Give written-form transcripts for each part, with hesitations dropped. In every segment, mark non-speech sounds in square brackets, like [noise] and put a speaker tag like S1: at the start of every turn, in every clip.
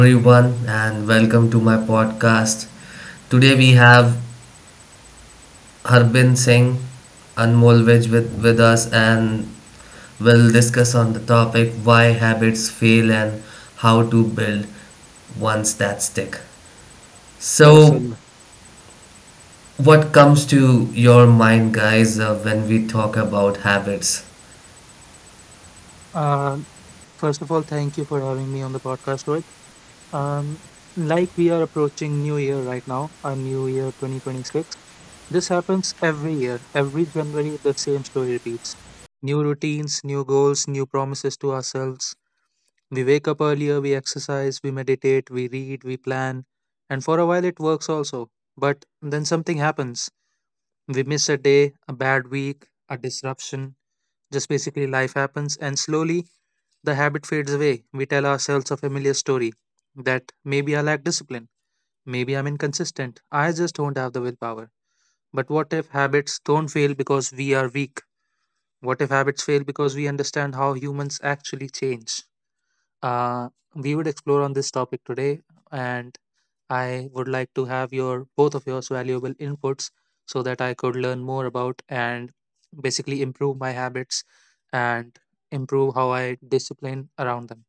S1: everyone, and welcome to my podcast. Today we have Harbin Singh, Anmol Vij with us, and we'll discuss on the topic why habits fail and how to build ones that stick. So,
S2: Awesome.
S1: what comes to your mind, guys, when we talk about habits?
S3: Um, first of all, thank you for having me on the podcast, Rohit. Um, like we are approaching New Year right now, a New Year 2026. This happens every year. Every January, the same story repeats. New routines, new goals, new promises to ourselves. We wake up earlier, we exercise, we meditate, we read, we plan. And for a while, it works also. But then something happens. We miss a day, a bad week, a disruption. Just basically life happens, and slowly the habit fades away. We tell ourselves a familiar story that maybe I lack discipline, maybe I'm inconsistent, I just don't have the willpower. But what if habits don't fail because we are weak? What if habits fail because we understand how humans actually change? Uh, we would explore on this topic today, and I would like to have your both of yours valuable inputs so that I could learn more about and basically improve my habits and improve how I discipline around them.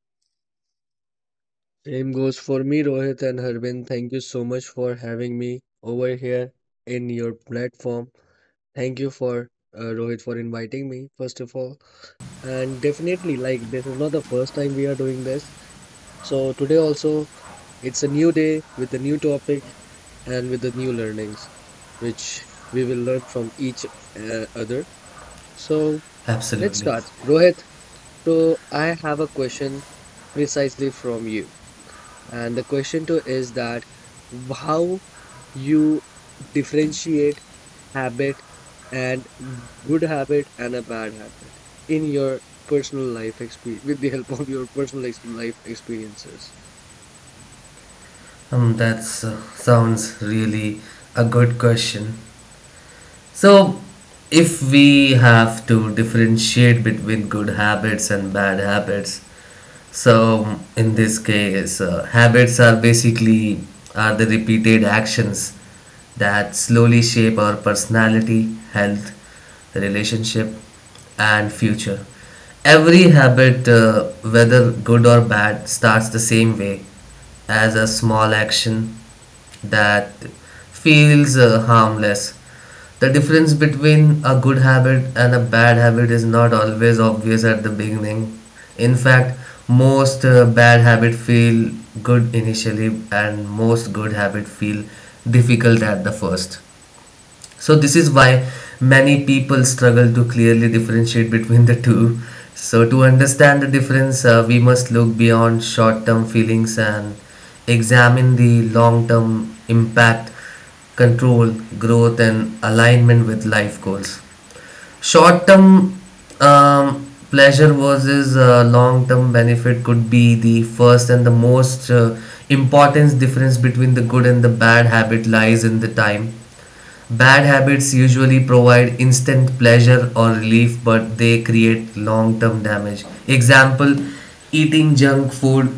S2: Same goes for me, Rohit and Harbin. Thank you so much for having me over here in your platform. Thank you for Rohit for inviting me, first of all. And definitely, like, this is not the first time we are doing this. So today also, it's a new day with a new topic and with the new learnings, which we will learn from each other. So let's
S1: Absolutely.
S2: start. Rohit, so I have a question precisely from you. And the question too is that how you differentiate habit and good habit and a bad habit in your personal life experience with the help of your personal life experiences.
S1: That sounds really a good question. So, if we have to differentiate between good habits and bad habits, so in this case, habits are basically are the repeated actions that slowly shape our personality, health, relationship, and future. Every habit, whether good or bad, starts the same way as a small action that feels harmless. The difference between a good habit and a bad habit is not always obvious at the beginning. In fact, most bad habits feel good initially and most good habits feel difficult at the first. So this is why many people struggle to clearly differentiate between the two. So to understand the difference, we must look beyond short-term feelings and examine the long-term impact, control, growth, and alignment with life goals. Short-term pleasure versus long-term benefit could be the first and the most important difference between the good and the bad habit lies in the time. Bad habits usually provide instant pleasure or relief, but they create long term damage. Example, eating junk food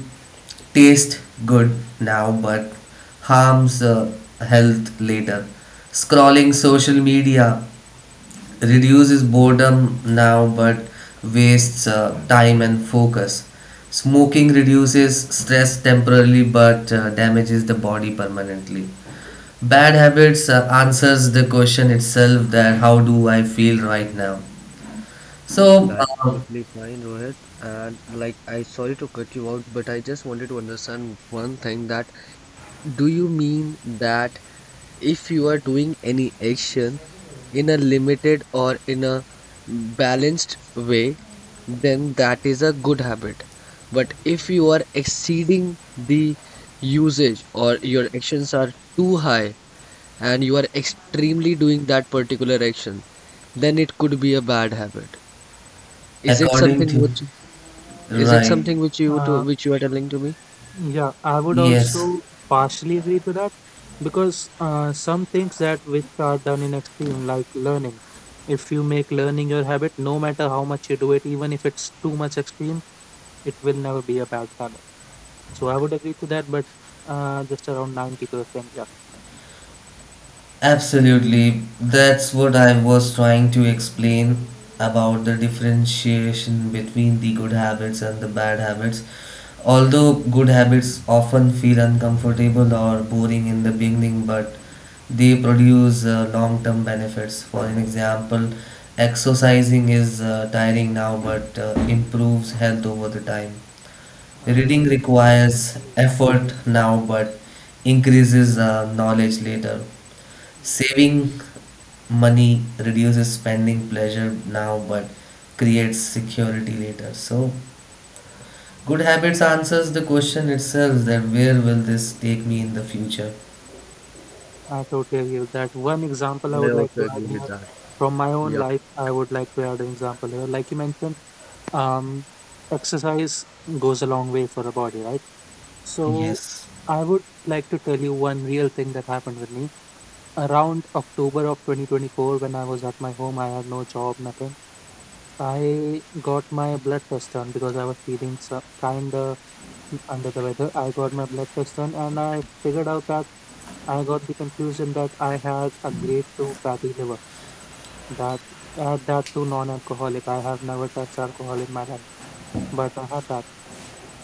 S1: tastes good now but harms health later. Scrolling social media reduces boredom now but wastes time and focus. Smoking reduces stress temporarily but damages the body permanently. Bad habits answers the question itself that how do I feel right now? So,
S2: That's totally fine, Rohit. And like, I sorry to cut you out, but I just wanted to understand one thing that do you mean that if you are doing any action in a limited or in a balanced way, then that is a good habit. But if you are exceeding the usage or your actions are too high and you are extremely doing that particular action, then it could be a bad habit. Is it
S1: according
S2: something
S1: to,
S2: which
S1: right,
S2: you to
S3: Uh,
S2: which you are telling to me?
S3: yeah, I would
S1: yes.
S3: also partially agree to that because some things that which are done in extreme, like learning, if you make learning your habit, no matter how much you do it, even if it's too much extreme, it will never be a bad habit. So I would agree to that, but just around 90%.
S1: Absolutely. That's what I was trying to explain about the differentiation between the good habits and the bad habits. Although good habits often feel uncomfortable or boring in the beginning, but they produce long term benefits. For an example, exercising is tiring now but improves health over the time.
S3: Uh,
S1: Reading
S3: yes, I would
S1: requires
S3: totally agree with that.
S1: effort now but increases knowledge later.
S3: And yeah,
S1: Saving money reduces spending pleasure now but creates security later. So, good habits answers the question itself that where will this take me in the future?
S3: I totally agree with that. One example I
S2: I
S3: would like
S2: also
S3: to
S2: agree
S3: add
S2: with
S3: here
S2: that.
S3: from my own
S2: Yeah,
S3: life, I would like to add an example here. Like you mentioned, um, exercise goes a long way for a body, right? So
S1: Yes.
S3: I would like to tell you one real thing that happened with me. Around October of 2024, when I was at my home, I had no job, nothing. I got my blood test done because I was feeling so, kind of under the weather. I got my blood test done, and I figured out that I got the conclusion that I had a grade 2 fatty liver. That that too non-alcoholic. I have never touched alcohol in my life, but I had that.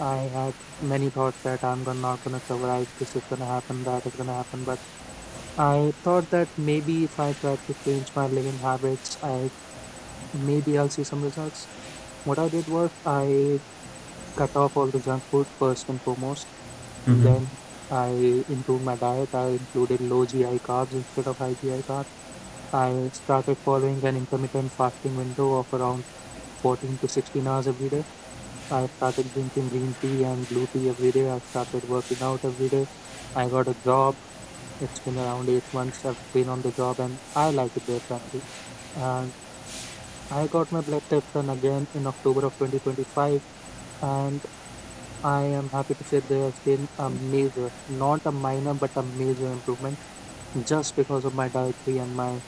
S3: I had many thoughts that I'm not gonna survive. This is gonna happen. That is gonna happen. But I thought that maybe if I tried to change my living habits, I maybe I'll see some results. What I did was I cut off all the junk food first and foremost.
S1: hmm
S3: Then I improved my diet. I included low GI carbs instead of high GI carbs. I started following an intermittent fasting window of around 14 to 16 hours every day. I started drinking green tea and blue tea every day. I started working out every day. I got a job. It's been around 8 months I've been on the job, and I like it there, frankly. And I got my blood test done again in October of 2025. And I am happy to say there has been a major, not a minor, but a major improvement just because of my dietary and my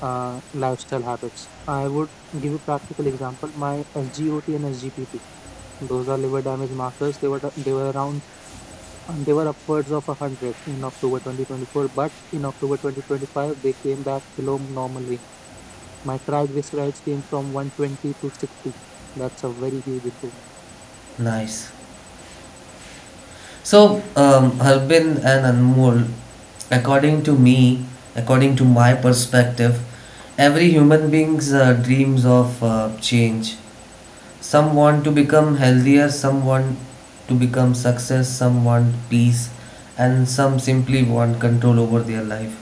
S3: lifestyle habits. I would give you practical example. My SGOT and SGPT, those are liver damage markers. They were around, and they were upwards of 100 in October 2024, but in October 2025, they came back below normal range. My triglycerides came from 120 to 60. That's a very huge improvement.
S1: Nice. So, Harbin and Anmol, according to me, according to my perspective, every human being's dreams of change. Some want to become healthier, some want to become success, some want peace, and some simply want control over their life.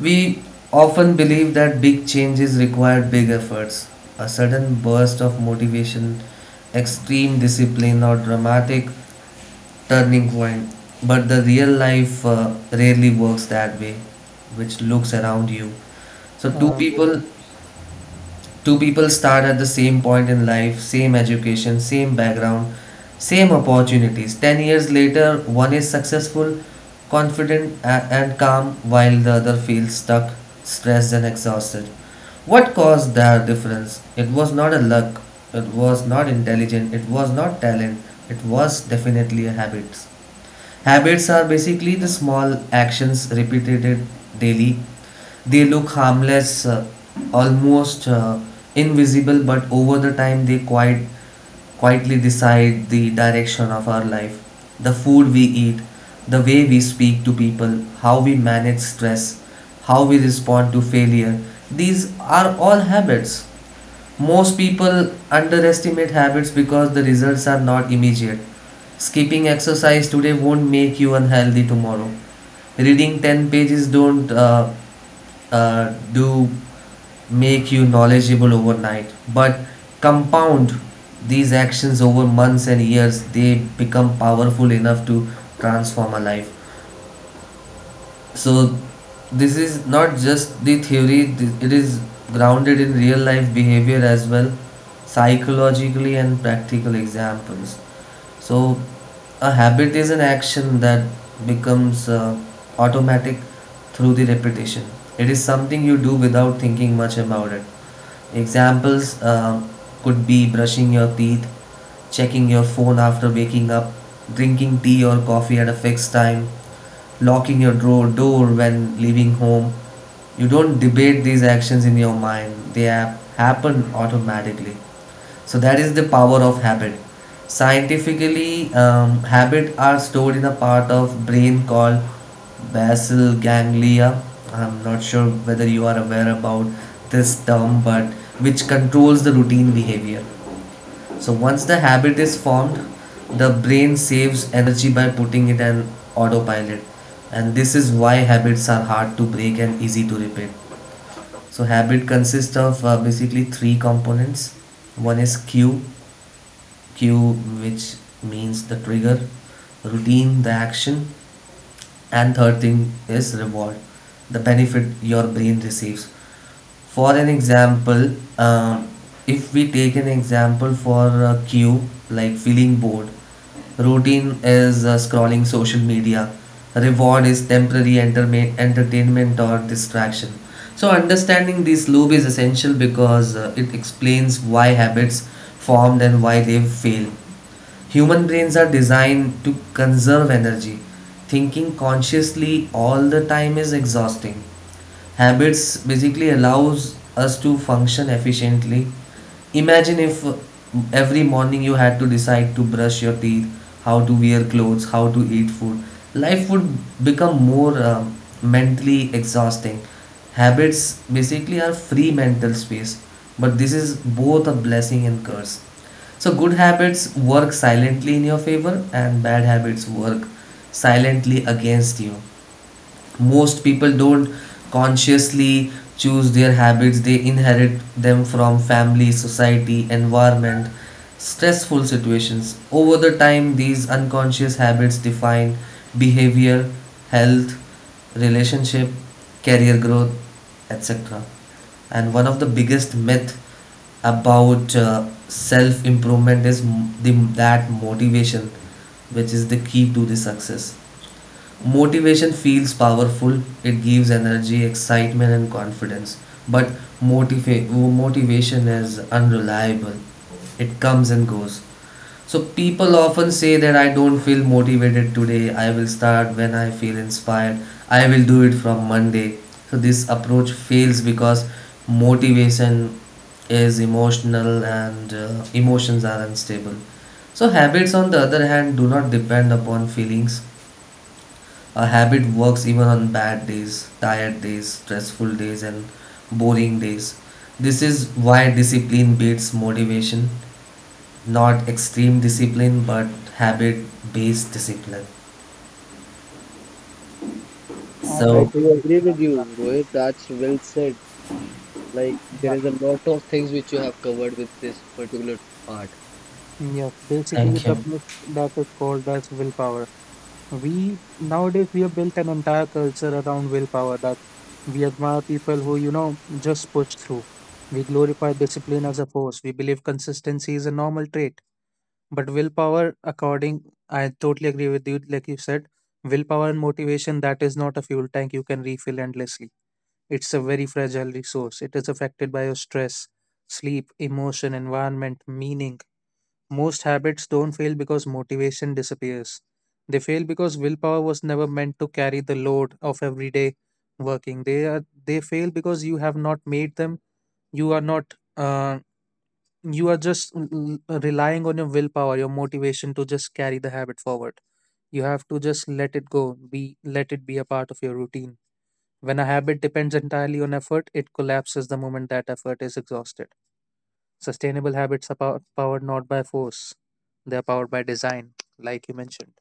S1: We often believe that big changes require big efforts, a sudden burst of motivation, extreme discipline, or dramatic turning point, but the real life rarely works that way. Which looks around you. So two
S3: Yes,
S1: people two people start at the same point in life, same education, same background, same opportunities. 10 years later, one is successful, confident, and calm, while the other feels stuck, stressed, and exhausted. What caused their difference? It was not a luck, it was not intelligent, it was not talent, it was definitely a habit. Habits are basically the small actions repeated daily. They look harmless, almost invisible, but over the time they quite quietly decide the direction of our life. The food we eat, the way we speak to people, how we manage stress, how we respond to failure. These are all habits. Most people underestimate habits because the results are not immediate. Skipping exercise today won't make you unhealthy tomorrow. Reading 10 pages don't do make you knowledgeable overnight, but compound these actions over months and years, they become powerful enough to transform a life. So, this is not just the theory, it is grounded in real life behavior as well, psychologically and practical examples. So, a habit is an action that becomes automatic through the repetition. It is something you do without thinking much about it. Examples could be brushing your teeth, checking your phone after waking up, drinking tea or coffee at a fixed time, locking your door when leaving home. You don't debate these actions in your mind, they happen automatically. So that is the power of habit. Scientifically, habit are stored in a part of brain called basal ganglia. I'm not sure whether you are aware about this term, but which controls the routine behavior. So once the habit is formed, the brain saves energy by putting it in autopilot, and this is why habits are hard to break and easy to repeat. So habit consists of basically three components. One is cue, cue which means the trigger, routine the action, and third thing is reward, the benefit your brain receives. For an example, um, if we take an example, for a cue like feeling bored, routine is scrolling social media, reward is temporary entertainment or distraction. So understanding this loop is essential because it explains why habits formed and why they fail. Human brains are designed to conserve energy. Thinking consciously all the time is exhausting. Habits basically allows us to function efficiently. Imagine if every morning you had to decide to brush your teeth, how to wear clothes, how to eat food, life would become more mentally exhausting. Habits basically are free mental space, but this is both a blessing and curse. So good habits work silently in your favor and bad habits work silently against you. Most people don't consciously choose their habits, they inherit them from family, society, environment, stressful situations. Over the time, these unconscious habits define behavior, health, relationship, career growth, etc. And one of the biggest myth about self improvement is the, that motivation which is the key to the success. Motivation feels powerful, it gives energy, excitement, and confidence. But motivation is unreliable, it comes and goes. So, people often say that I don't feel motivated today, I will start when I feel inspired, I will do it from Monday. So, this approach fails because motivation is emotional and emotions are unstable. So, habits, on the other hand, do not depend upon feelings. A habit works even on bad days, tired days, stressful days, and boring days. This is why discipline beats motivation. Not extreme discipline, but habit based discipline.
S3: I
S2: I
S1: So,
S3: totally
S2: do
S3: agree with
S2: agree with
S3: that.
S2: you, Rohit. That's well said. Like,
S3: Yeah,
S2: there
S3: yeah.
S2: is a lot of things which you have covered with this particular part.
S3: Yes, basically
S1: thank
S3: the
S1: you.
S3: myth that is called as willpower. We nowadays we have built an entire culture around willpower, that we admire people who just push through. We glorify discipline as a force. We believe consistency is a normal trait. But willpower, according, I totally agree with you, like you said, willpower and motivation, that is not a fuel tank you can refill endlessly. It's a very fragile resource. It is affected by your stress, sleep, emotion, environment, meaning most habits don't fail because motivation disappears. They fail because willpower was never meant to carry the load of everyday working. They fail because you have not made them. You are not. You are just relying on your willpower, your motivation to just carry the habit forward. You have to just let it go. Be, let it be a part of your routine. When a habit depends entirely on effort, it collapses the moment that effort is exhausted. Sustainable habits are powered not by force, they are powered by design, like you mentioned.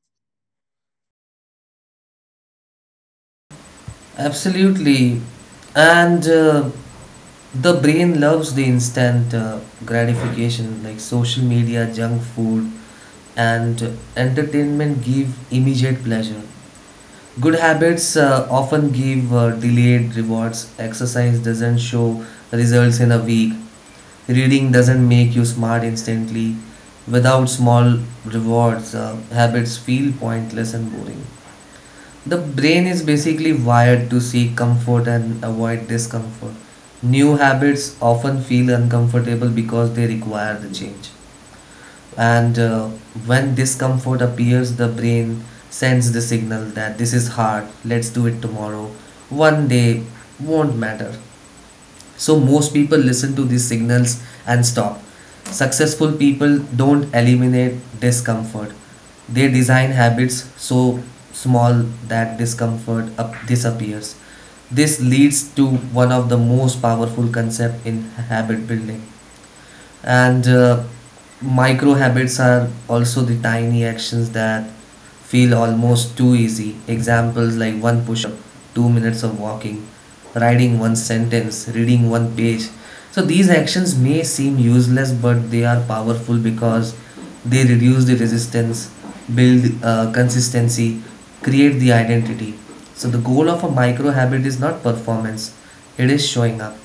S1: Absolutely. And the brain loves the instant gratification, like social media, junk food, and entertainment give immediate pleasure. Good habits often give delayed rewards. Exercise doesn't show results in a week. Reading doesn't make you smart instantly. Without small rewards, habits feel pointless and boring. The brain is basically wired to seek comfort and avoid discomfort. New habits often feel uncomfortable because they require the change, and when discomfort appears the brain sends the signal that this is hard, let's do it tomorrow, one day won't matter. So most people listen to these signals and stop. Successful people don't eliminate discomfort, they design habits so small that discomfort up disappears. This leads to one of the most powerful concepts in habit building, and micro habits are also the tiny actions that feel almost too easy. Examples like one push up, 2 minutes of walking, writing one sentence, reading one page. So these actions may seem useless but they are powerful because they reduce the resistance, build consistency, create the identity. So the goal of a micro habit is not performance, it is showing up.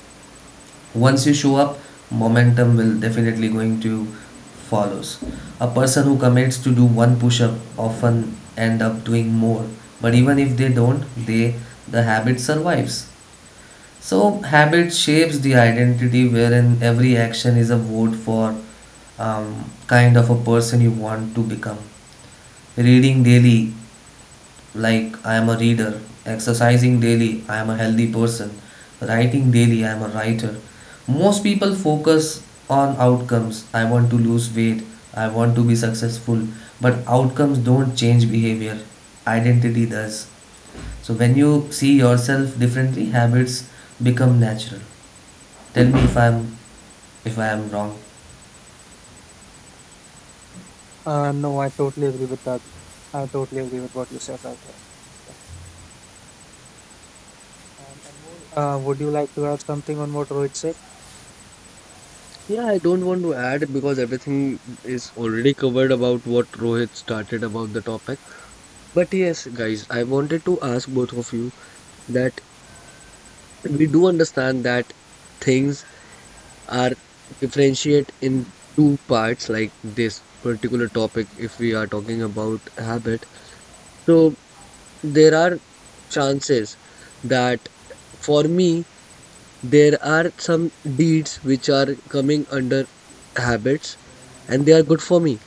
S1: Once you show up, momentum will definitely going to follows. A person who commits to do one push-up often end up doing more, but even if they don't, they the habit survives. So habit shapes the identity, wherein every action is a vote for kind of a person you want to become. Reading daily, like, I am a reader. Exercising daily, I am a healthy person. Writing daily, I am a writer. Most people focus on outcomes. I want to lose weight, I want to be successful, but outcomes don't change behavior, identity does. So, when you see yourself differently, habits become natural. Tell me if I'm if I am wrong.
S3: No, I totally agree with that. I totally agree with what you said right here. Yeah. And Anmol, would you like to add something on what Rohit said?
S2: Yeah, I don't want to add because everything is already covered about what Rohit started about the topic. But yes, guys, I wanted to ask both of you that we do understand that things are differentiate in two parts, like this particular topic, if we are talking about habit. So, there are chances that for me, there are some deeds which are coming under habits and they are good for me.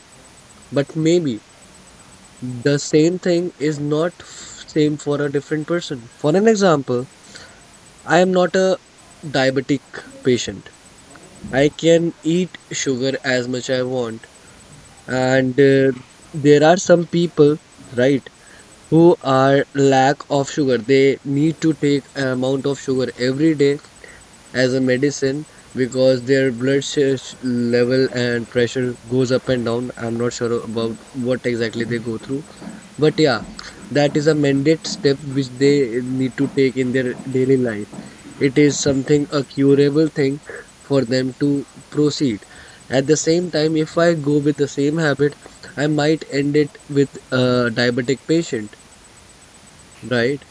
S2: But maybe the same thing is not same for a different person. For an example, I am not a diabetic patient. I can eat sugar as much I want. And there are some people, right, who are lack of sugar. They need to take amount of sugar every day as a medicine because their blood level and pressure goes up and down. I'm not sure about what exactly they go through, but yeah, that is a mandate step which they need to take in their daily life. It is something a curable thing for them to proceed. At the same time, if I go with the same habit, I might end it with a diabetic patient, right?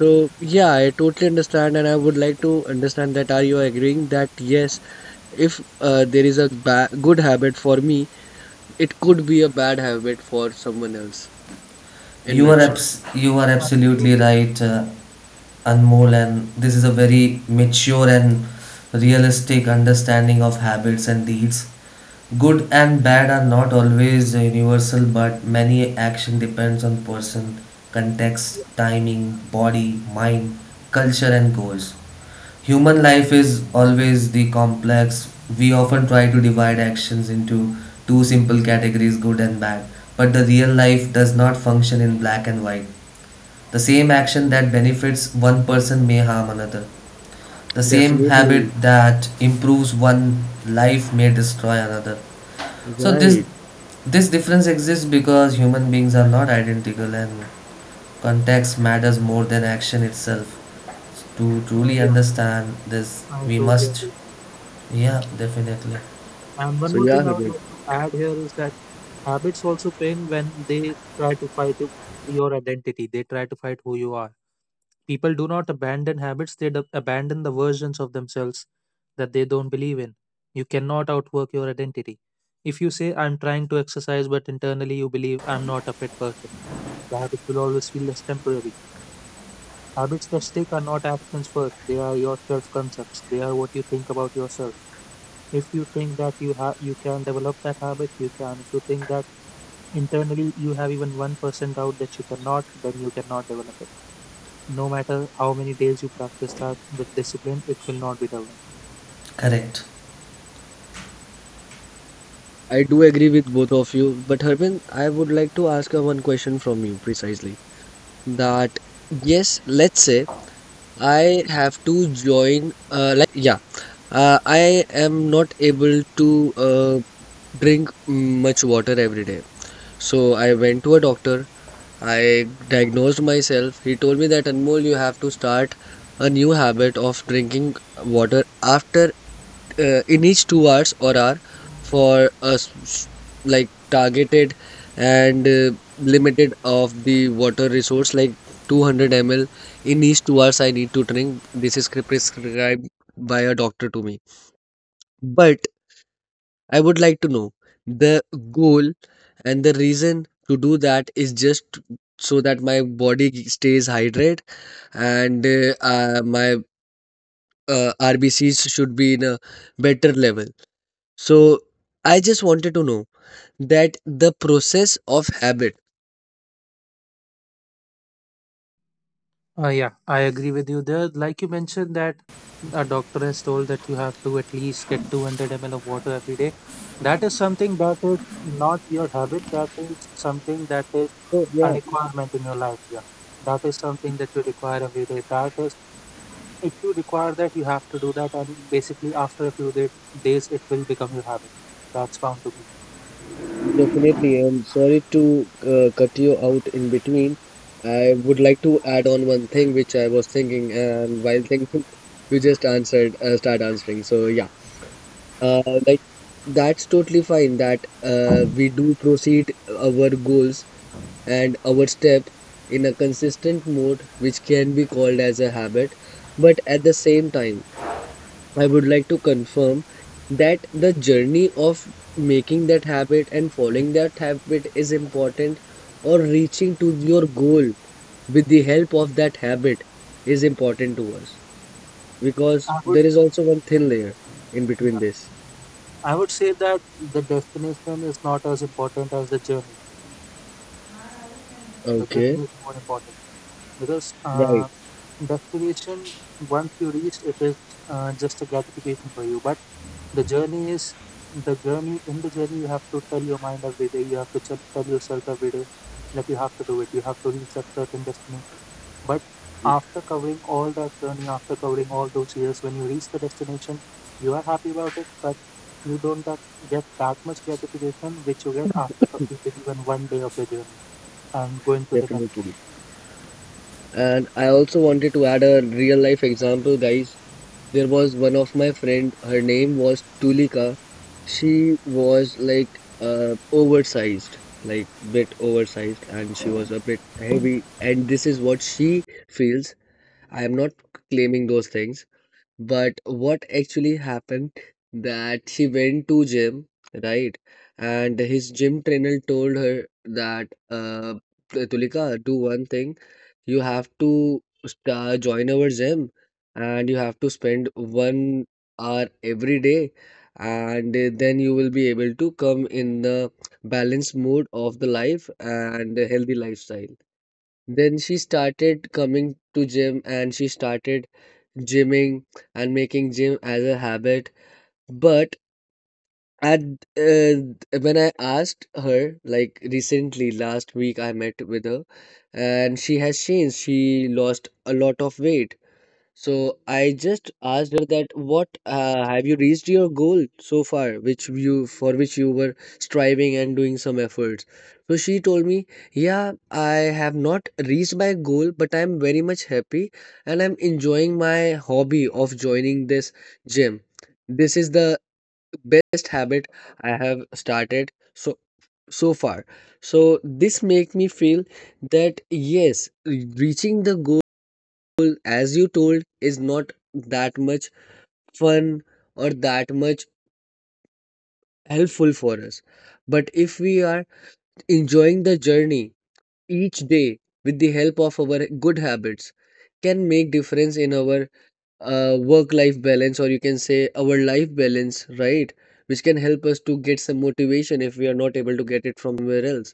S2: So, yeah, I totally understand, and I would like to understand that are you agreeing that yes, if there is a good habit for me, it could be a bad habit for someone else in
S1: You are
S3: Uh,
S2: nutshell,
S1: you are absolutely
S3: absolutely.
S1: right.
S3: Correct.
S1: Anmol, and this is a very mature and realistic understanding of habits and deeds. Good and bad are not always universal, but many action depends on person, context, timing, body, mind, culture, and goals. Human life is always the complex. We often try to divide actions into two simple categories, good and bad, but the real life does not function in black and white. The same action that benefits one person may harm another. The same habit
S2: definitely,
S1: that improves one life may destroy another. So this
S2: right?
S1: this difference exists because human beings are not identical and context matters more than action itself. To
S3: Yeah, uh,
S1: truly
S3: yeah,
S1: understand this,
S3: I
S1: we
S3: totally
S1: must
S3: agree.
S1: yeah, definitely.
S3: And one
S2: So
S3: more
S2: yeah,
S3: thing I would
S2: Harbin,
S3: like to add here is that habits also fail when they try to fight your identity. They try to fight who you are. People do not abandon habits, they abandon the versions of themselves that they don't believe in. You cannot outwork your identity. If you say, I'm trying to exercise, but internally you believe I'm not a fit person, the habit will always feel less temporary. Habits that stick are not actions first, they are your self concepts. They are what you think about yourself. If you think that you can develop that habit, you can. If you think that internally you have even 1% doubt that you cannot, then you cannot develop it. No matter how many days you practice that with discipline, it will not be developed.
S1: Correct.
S2: I do agree with both of you. But Harbin, I would like to ask one question from you precisely that yes, let's say I have to join I am not able to drink much water every day. So I went to a doctor. I diagnosed myself. He told me that Anmol, you have to start a new habit of drinking water after in each 2 hours or hour for a like targeted and limited of the water resource like 200 ml in each 2 hours. I need to drink. This is prescribed by a doctor to me. But I would like to know the goal and the reason to do that is just so that my body stays hydrated and my RBCs should be in a better level. So I just wanted to know that the process of habit.
S3: Yeah, I agree with you there. Like you mentioned that a doctor has told that you have to at least get 200 ml of water every day. That is something that is not your habit. That is something that is
S2: Oh,
S3: a
S2: yeah,
S3: requirement in your life. Yeah, that is something that you require every day. That is, if you require that, you have to do that. And basically, after a few days, it will become your habit. That's bound to be.
S2: definitely. I'm sorry to cut you out in between. I would like to add on one thing which I was thinking, and while thinking, you just answered, start answering. So, yeah. Uh, like that's totally fine that we do proceed our goals and our step in a consistent mode, which can be called as a habit. But at the same time, I would like to confirm that the journey of making that habit and following that habit is important, or reaching to your goal with the help of that habit is important to us because
S3: I would,
S2: there is also one thin layer in between
S3: yeah,
S2: this.
S3: I would say that the destination is not as important as the journey. The
S2: Okay,
S3: journey is more important because
S2: right.
S3: destination once you reach it is just a gratification for you, but the journey is the journey. In the journey, you have to tell your mind every day, you have to tell yourself every day that you have to do it, you have to reach that certain destination. But after covering all that journey, after covering all those years, when you reach the destination, you are happy about it, but you don't that, get that much gratification which you get after completing even one day of your journey and going to the next one.
S2: Definitely. And I also wanted to add a real life example, guys. There was one of my friend, her name was Tulika. She was like oversized, like bit oversized, and she was a bit heavy. And this is what she feels. I am not claiming those things, but what actually happened that she went to gym, right? And his gym trainer told her that Tulika, do one thing, you have to sta join our gym and you have to spend 1 hour every day, and then you will be able to come in the balanced mode of the life and a healthy lifestyle. Then she started coming to gym and she started gymming and making gym as a habit. But and when I asked her, like recently, last week, I met with her, and she has changed. She lost a lot of weight. So I just asked her that, what have you reached your goal so far, which you for which you were striving and doing some efforts. So she told me, yeah, I have not reached my goal, but I'm very much happy and I'm enjoying my hobby of joining this gym. This is the best habit I have started so far. So this make me feel that yes, reaching the goal as you told is not that much fun or that much helpful for us, but if we are enjoying the journey each day with the help of our good habits, can make difference in our work life balance or you can say our life balance, right, which can help us to get some motivation if we are not able to get it from somewhere else.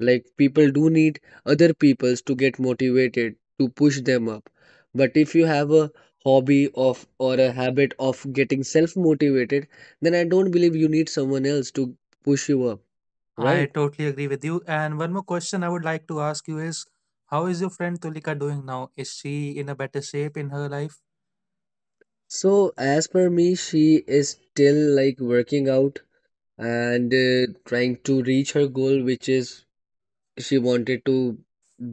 S2: Like people do need other peoples to get motivated to push them up, but if you have a hobby of or a habit of getting self motivated, then I don't believe you need someone else to push you up,
S3: I
S2: right?
S3: totally agree with you. And one more question I would like to ask you is, how is your friend Tulika doing now? Is she in a better shape in her life?
S2: So as per me, she is still like working out and trying to reach her goal, which is she wanted to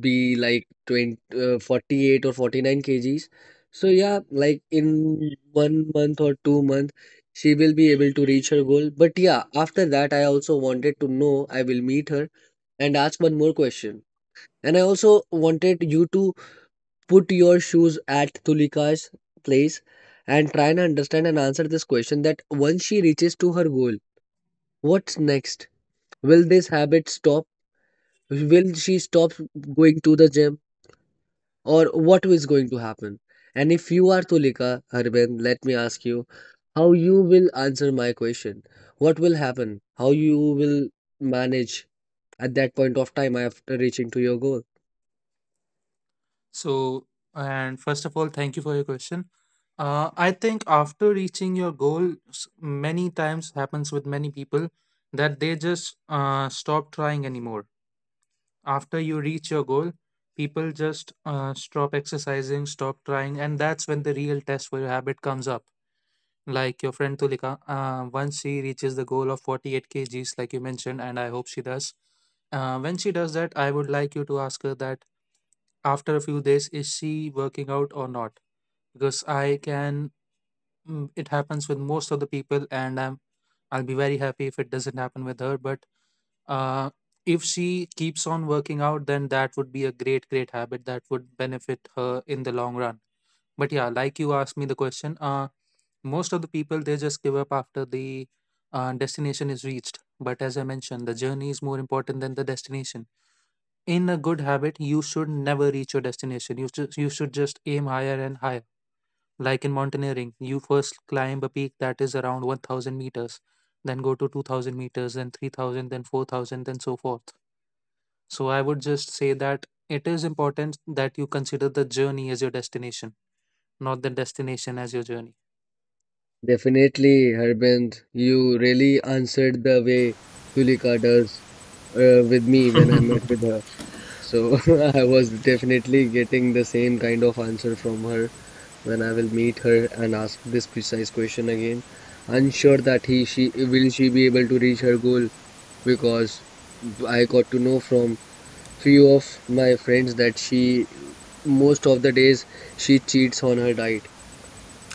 S2: be like 20, 48 or 49 kgs. So yeah, like in 1 month or 2 months, she will be able to reach her goal. But yeah, after that, I also wanted to know, I will meet her and ask one more question. And I also wanted you to put your shoes at Tulika's place and try and understand and answer this question that once she reaches to her goal, what's next? Will this habit stop? Will she stop going to the gym? Or what is going to happen? And if you are Tulika, Harbin, let me ask you, how you will answer my question? What will happen? How you will manage at that point of time after reaching to your goal?
S3: So, and first of all, thank you for your question. I think after reaching your goal, many times happens with many people that they just stop trying anymore. After you reach your goal, people just stop exercising, stop trying, and that's when the real test for your habit comes up. Like your friend Tulika, once she reaches the goal of 48 kgs, like you mentioned, and I hope she does. When she does that, I would like you to ask her that after a few days, is she working out or not? Because I can, it happens with most of the people, and I'll be very happy if it doesn't happen with her. But uh, if she keeps on working out, then that would be a great, great habit that would benefit her in the long run. But yeah, like you asked me the question, most of the people they just give up after the destination is reached. But as I mentioned, the journey is more important than the destination. In a good habit, you should never reach your destination. You should just aim higher and higher. Like in mountaineering, you first climb a peak that is around 1,000 meters, then go to 2,000 meters, then 3,000, then 4,000, and so forth. So I would just say that it is important that you consider the journey as your destination, not the destination as your journey.
S2: Definitely, Harbin, you really answered the way Tulika does with me when I met with her. So [laughs] I was definitely getting the same kind of answer from her when I will meet her and ask this precise question again. Unsure that he she will she be able to reach her goal, because I got to know from few of my friends that she most of the days she cheats on her diet.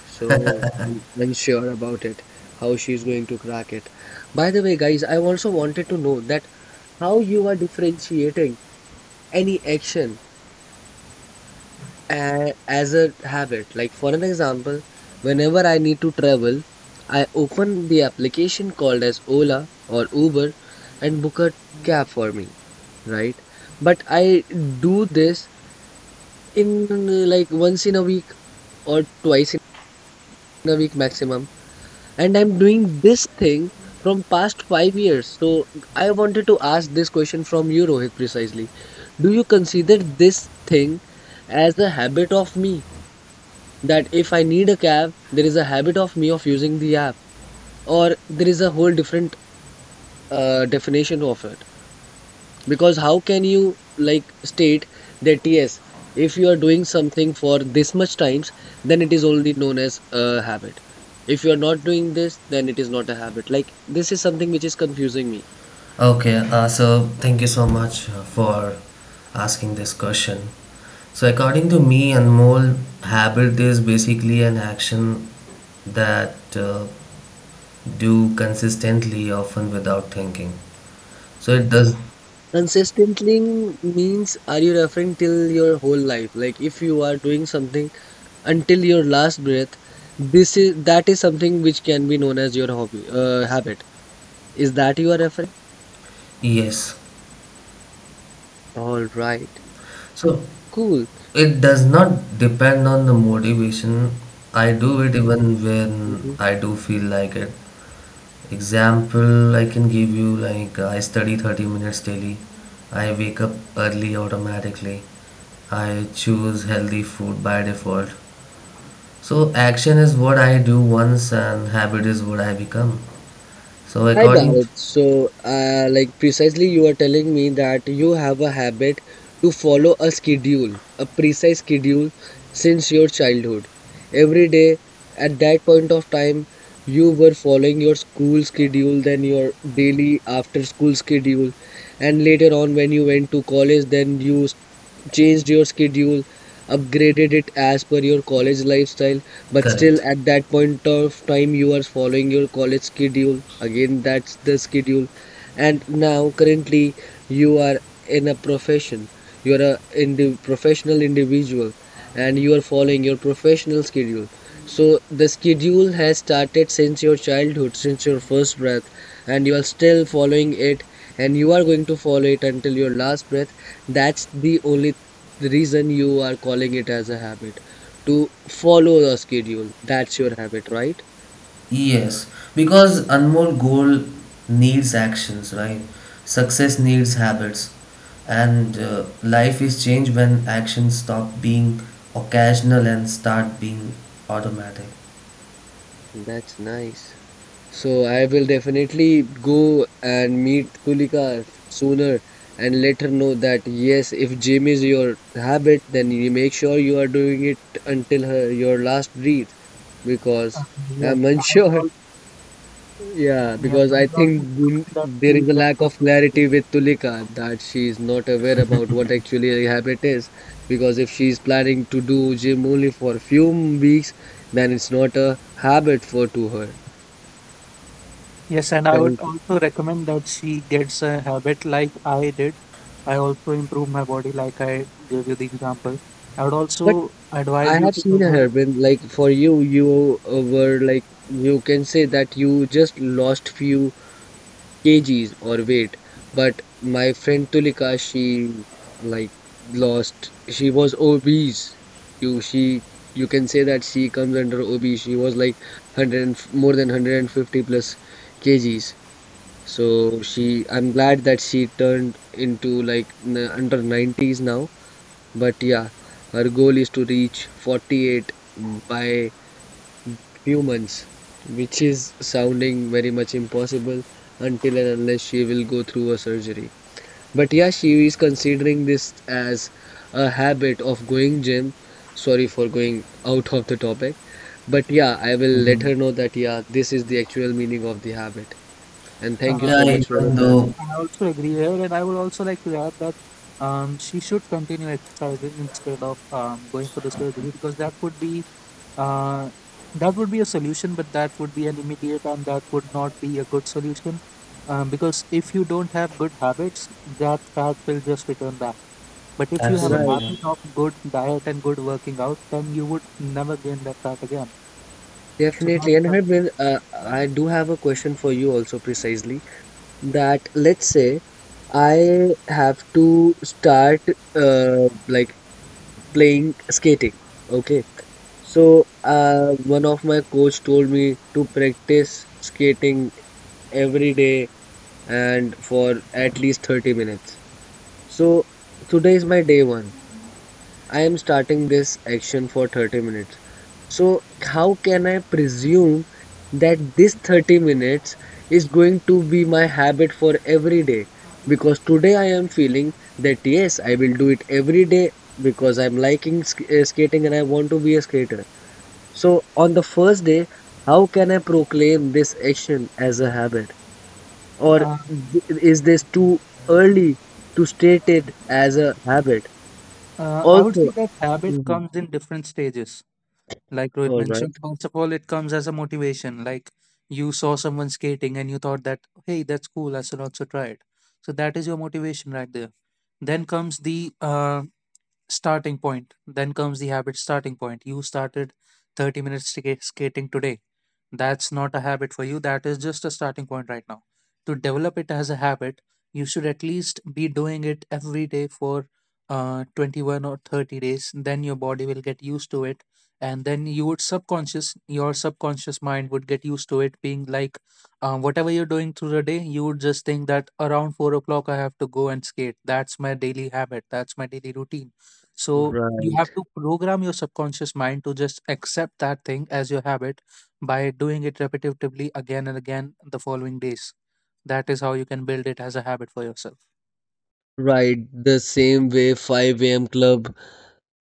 S2: So I'm unsure about it, how she's going to crack it. By the way, guys, I also wanted to know that how you are differentiating any action as a habit. Like for an example, whenever I need to travel, I open the application called as Ola or Uber and book a cab for me, right? But I do this in like once in a week or twice in a week maximum. And I'm doing this thing from past 5 years. So I wanted to ask this question from you, Rohit, precisely. Do you consider this thing as a habit of me, that if I need a cab, there is a habit of me of using the app, or there is a whole different definition of it? Because how can you like state that yes, if you are doing something for this much times, then it is only known as a habit. If you are not doing this, then it is not a habit. Like this is something which is confusing me.
S1: Okay, so thank you so much for asking this question. So, according to me, Anmol, habit is basically an action that do consistently, often without thinking. So it does,
S2: Consistently means are you referring till your whole life? Like if you are doing something until your last breath, this is that is something which can be known as your hobby habit, is that you are referring?
S1: yes.
S2: All right,
S1: So
S2: cool.
S1: it does not depend on the motivation. I do it even when
S2: Mhm.
S1: I do feel like it. Example I can give you, like, I study 30 minutes daily. I wake up early automatically. I choose healthy food by default. So action is what I do once, and habit is what I become. So
S2: I got
S1: according to,
S2: it. So like precisely, you are telling me that you have a habit to follow a schedule, a precise schedule, since your childhood. Every day at that point of time you were following your school schedule, then your daily after school schedule, and later on when you went to college, then you changed your schedule, upgraded it as per your college lifestyle, but still
S1: Correct.
S2: at that point of time you are following your college schedule. Again, that's the schedule. And now currently you are in a profession. You are a professional individual and you are following your professional schedule. So the schedule has started since your childhood, since your first breath, and you are still following it, and you are going to follow it until your last breath. That's the only the reason you are calling it as a habit to follow the schedule. That's your habit, right?
S1: Yes, because Anmol, goal needs actions, right? Success needs habits. And life is changed when actions stop being occasional and start being automatic.
S2: That's nice. So I will definitely go and meet Tulika sooner and let her know that yes, if gym is your habit, then you make sure you are doing it until her your last breath, because
S3: Yes,
S2: I'm [laughs]
S3: I would
S2: unsure.
S3: also,
S2: Yeah,
S3: yes,
S2: because
S3: I
S2: I
S3: would
S2: think
S3: also recommend that
S2: there
S3: she
S2: is a lack of clarity with Tulika that she is not aware about what actually a habit is. Because if she is planning to do gym only for a few weeks, then it's not a habit for to her.
S3: gets. Yes, and I would
S2: Thank you.
S3: also recommend that she gets a habit like I did. I also improve my body, like I gave you the example. I would
S2: But
S3: also
S2: I
S3: advise you
S2: have seen
S3: to
S2: her when, like, for you, you were like, you can say that you just lost few kgs or weight, but my friend Tulika, she like lost, she was obese, you, she, you can say that she comes under obese. She was like 100 and f- more than 150 plus kgs, so she, I'm glad that she turned into like under 90s now, but yeah, her goal is to reach 48 by few months, which is sounding very much impossible until and unless she will go through a surgery. But yeah, she is considering this as a habit of going gym. Sorry for going out of the topic, but yeah, I will let
S1: Mhm.
S2: her know that yeah, this is the actual meaning of the habit. And thank you
S3: Uh,
S1: Yeah,
S2: so much,
S1: even
S2: Rohitan.
S3: yes,
S1: though
S3: I also agree here, and I would also like to add that she should continue exercising instead of going for the surgery because uh, that would be a solution, but that would be an immediate and that would not be a good solution because if you don't have good habits, that fat will just return back. But if you have a
S2: Right,
S1: absolutely.
S3: habit of good diet and good working out, then you would never gain that fat again. So that's
S2: definitely. And
S3: the
S2: Harbin, I do have a question for you also precisely, that let's say I have to start uh, like playing skating. Okay. So one of my coach told me to practice skating every day and for at least 30 minutes. So today is my day one. I am starting this action for 30 minutes. So, how can I presume that this 30 minutes is going to be my habit for every day? Because today I am feeling that yes, I will do it every day because I'm liking skating and I want to be a skater. So, on the first day, how can I proclaim this action as a habit? Or
S3: Uh,
S2: is this too early to state it as a habit?
S3: I would say
S2: Also,
S3: that habit
S2: Mhm.
S3: comes in different stages. Like Rohit
S2: All right,
S3: mentioned, first of all, it comes as a motivation. Like you saw someone skating and you thought that, hey, that's cool. I should also try it. So that is your motivation right there. Then comes the uh, Then comes the habit starting point. You started 30 minutes skating today. That's not a habit for you. That is just a starting point right now. To develop it as a habit, you should at least be doing it every day for 21 or 30 days. Then your body will get used to it. And then you would subconscious mind would get used to it being like whatever you're doing through the day, you would just think that around 4 o'clock I have to go and skate. That's my daily habit. That's my daily routine. So you have
S2: right.
S3: to program your subconscious mind to just accept that thing as your habit by doing it repetitively again and again the following days. That is how you can build it as a habit for yourself.
S2: Right, the same way 5 a.m. club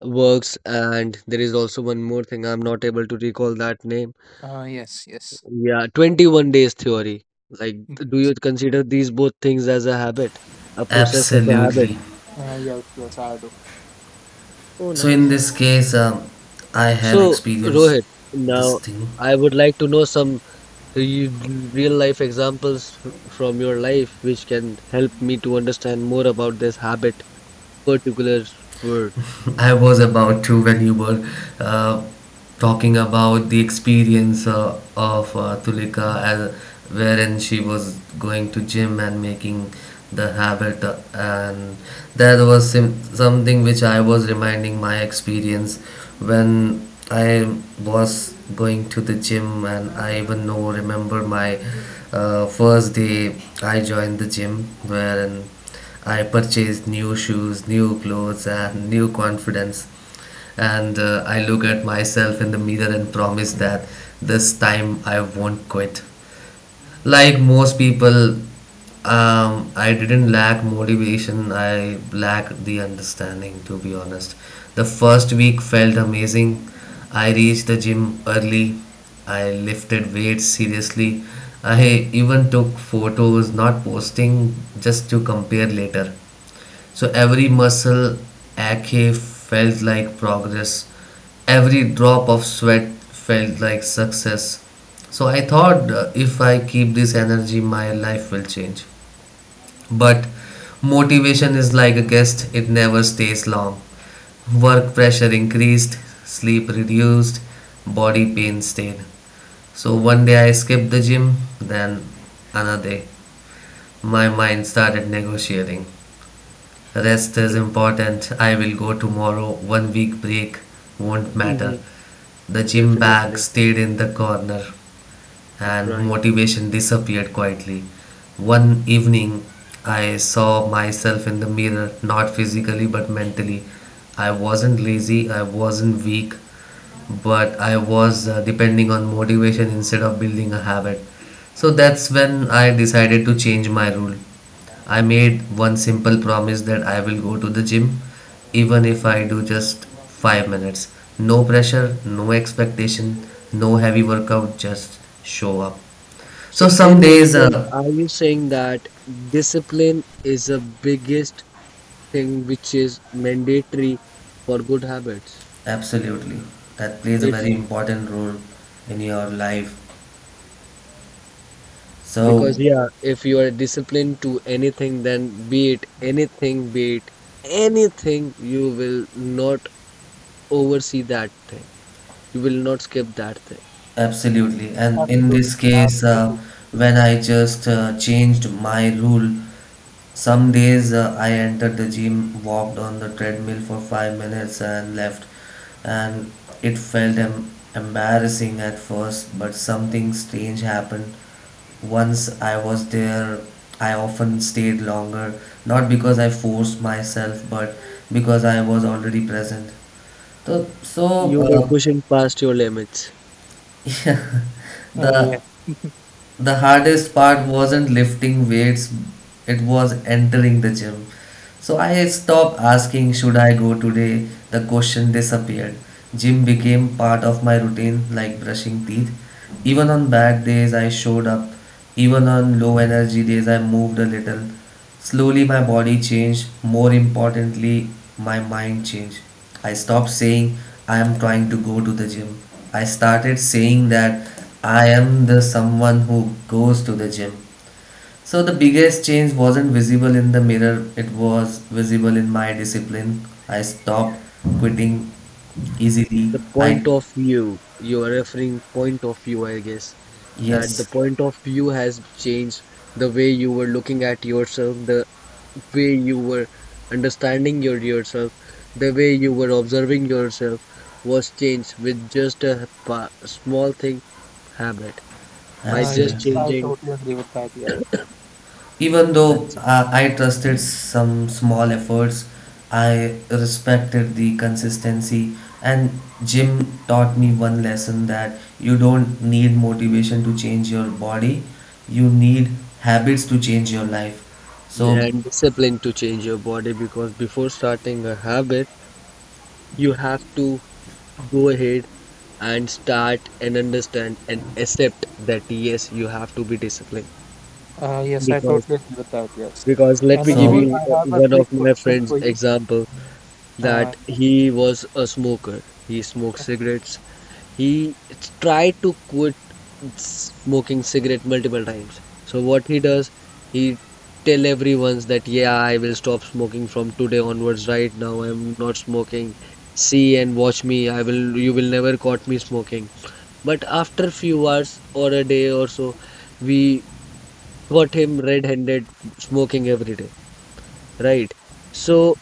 S2: works, and there is also one more thing I'm not able to recall that name.
S3: Yes, yes.
S2: Yeah, 21 days theory. Like,
S3: Mm.
S2: do you consider these both things as a habit, a process of a habit?
S1: Absolutely.
S3: Yes, yes, I do.
S2: Oh,
S1: So in
S2: nice.
S1: this case, I have
S2: So,
S1: experienced
S2: Rohit,
S1: this
S2: now
S1: thing.
S2: I would like to know some re real life examples from your life which can help me to understand more about this habit, particular word.
S1: I was about to, when you were uh, talking about the experience of Tulika, wherein she was going to gym and making the habit, and that was something which I was reminding my experience when I was going to the gym. And I even know remember my first day I joined the gym, wherein I purchased new shoes, new clothes, and new confidence. And I look at myself in the mirror and promise that this time I won't quit. Like most people, I didn't lack motivation, I lacked the understanding, to be honest. The first week felt amazing. I reached the gym early, I lifted weights seriously. I even took photos, not posting, just to compare later. So every muscle ache felt like progress. Every drop of sweat felt like success. So I thought if I keep this energy, my life will change. But motivation is like a guest, it never stays long. Work pressure increased, sleep reduced, body pain stayed. So one day I skipped the gym, then another day my mind started negotiating. Rest is important. I will go tomorrow. One week break won't matter.
S2: Mhm.
S1: The gym bag
S2: Definitely,
S1: stayed in the corner and
S2: right.
S1: motivation disappeared quietly. One evening, I saw myself in the mirror, not physically but mentally. I wasn't lazy, I wasn't weak, but I was depending on motivation instead of building a habit. So that's when I decided to change my rule. I made one simple promise, that I will go to the gym even if I do just 5 minutes. No pressure, no expectation, no heavy workout, just show up.
S2: So
S1: So some
S2: in
S1: days,
S2: nutshell, are you saying that discipline is the biggest thing which is mandatory for good habits?
S1: absolutely, that plays a
S2: If
S1: very important role in your life. So,
S2: because yeah, if you are disciplined to anything, then be it anything, you will not oversee that thing. You will not skip that thing.
S1: absolutely. And in
S3: Absolutely.
S1: this case,
S3: Absolutely.
S1: when I just changed my rule, some days I entered the gym, walked on the treadmill for 5 minutes, and left. And it felt embarrassing at first, but something strange happened. Once I was there, I often stayed longer, not because I forced myself, but because I was already present. So
S2: You were
S1: uh,
S2: pushing past your limits.
S1: [laughs] the
S3: Yes.
S1: the hardest part wasn't lifting weights, it was entering the gym. So I stopped asking, should I go today? The question disappeared. Gym became part of my routine, like brushing teeth. Even on bad days, I showed up. Even on low energy days, I moved a little. Slowly, my body changed. More importantly, my mind changed. I stopped saying, I am trying to go to the gym. I started saying that I am the someone who goes to the gym. So, the biggest change wasn't visible in the mirror, it was visible in my discipline. I stopped quitting easily.
S2: The point
S1: I,
S2: of view, you are referring point of view, I guess, that the
S1: yes,
S2: point of view has changed the way you were looking at yourself, the way you were understanding yourself, the way you were observing yourself was changed with just a small thing, habit, by
S3: Yes,
S2: just
S1: absolutely.
S3: I
S2: changing
S3: totally agree with that. Yes.
S1: Even though
S2: that's it.
S1: I trusted some small efforts, I respected the consistency. And Jim taught me one lesson, that you don't need motivation to change your body, you need habits to change your life.
S2: Yeah,
S1: So,
S2: and discipline to change your body, because before starting a habit you have to go ahead and start and understand and accept that yes, you have to be disciplined.
S3: Yes, I
S2: Because
S3: totally agree with that. Yes.
S2: let
S3: And
S2: me
S3: then,
S2: give
S3: Anmol,
S1: so
S2: you
S3: I have a
S2: one of
S3: quick
S2: my
S3: question
S2: friends
S3: for you.
S2: example, that
S3: Uh,
S2: he was a smoker. He smoked
S3: okay.
S2: cigarettes. He tried to quit smoking cigarette multiple times. So what he does, he tell everyone that yeah, I will stop smoking from today onwards. Right now I'm not smoking, see and watch me, I will, you will never caught me smoking. But after few hours or a day or so, we got him red-handed smoking every day, right? So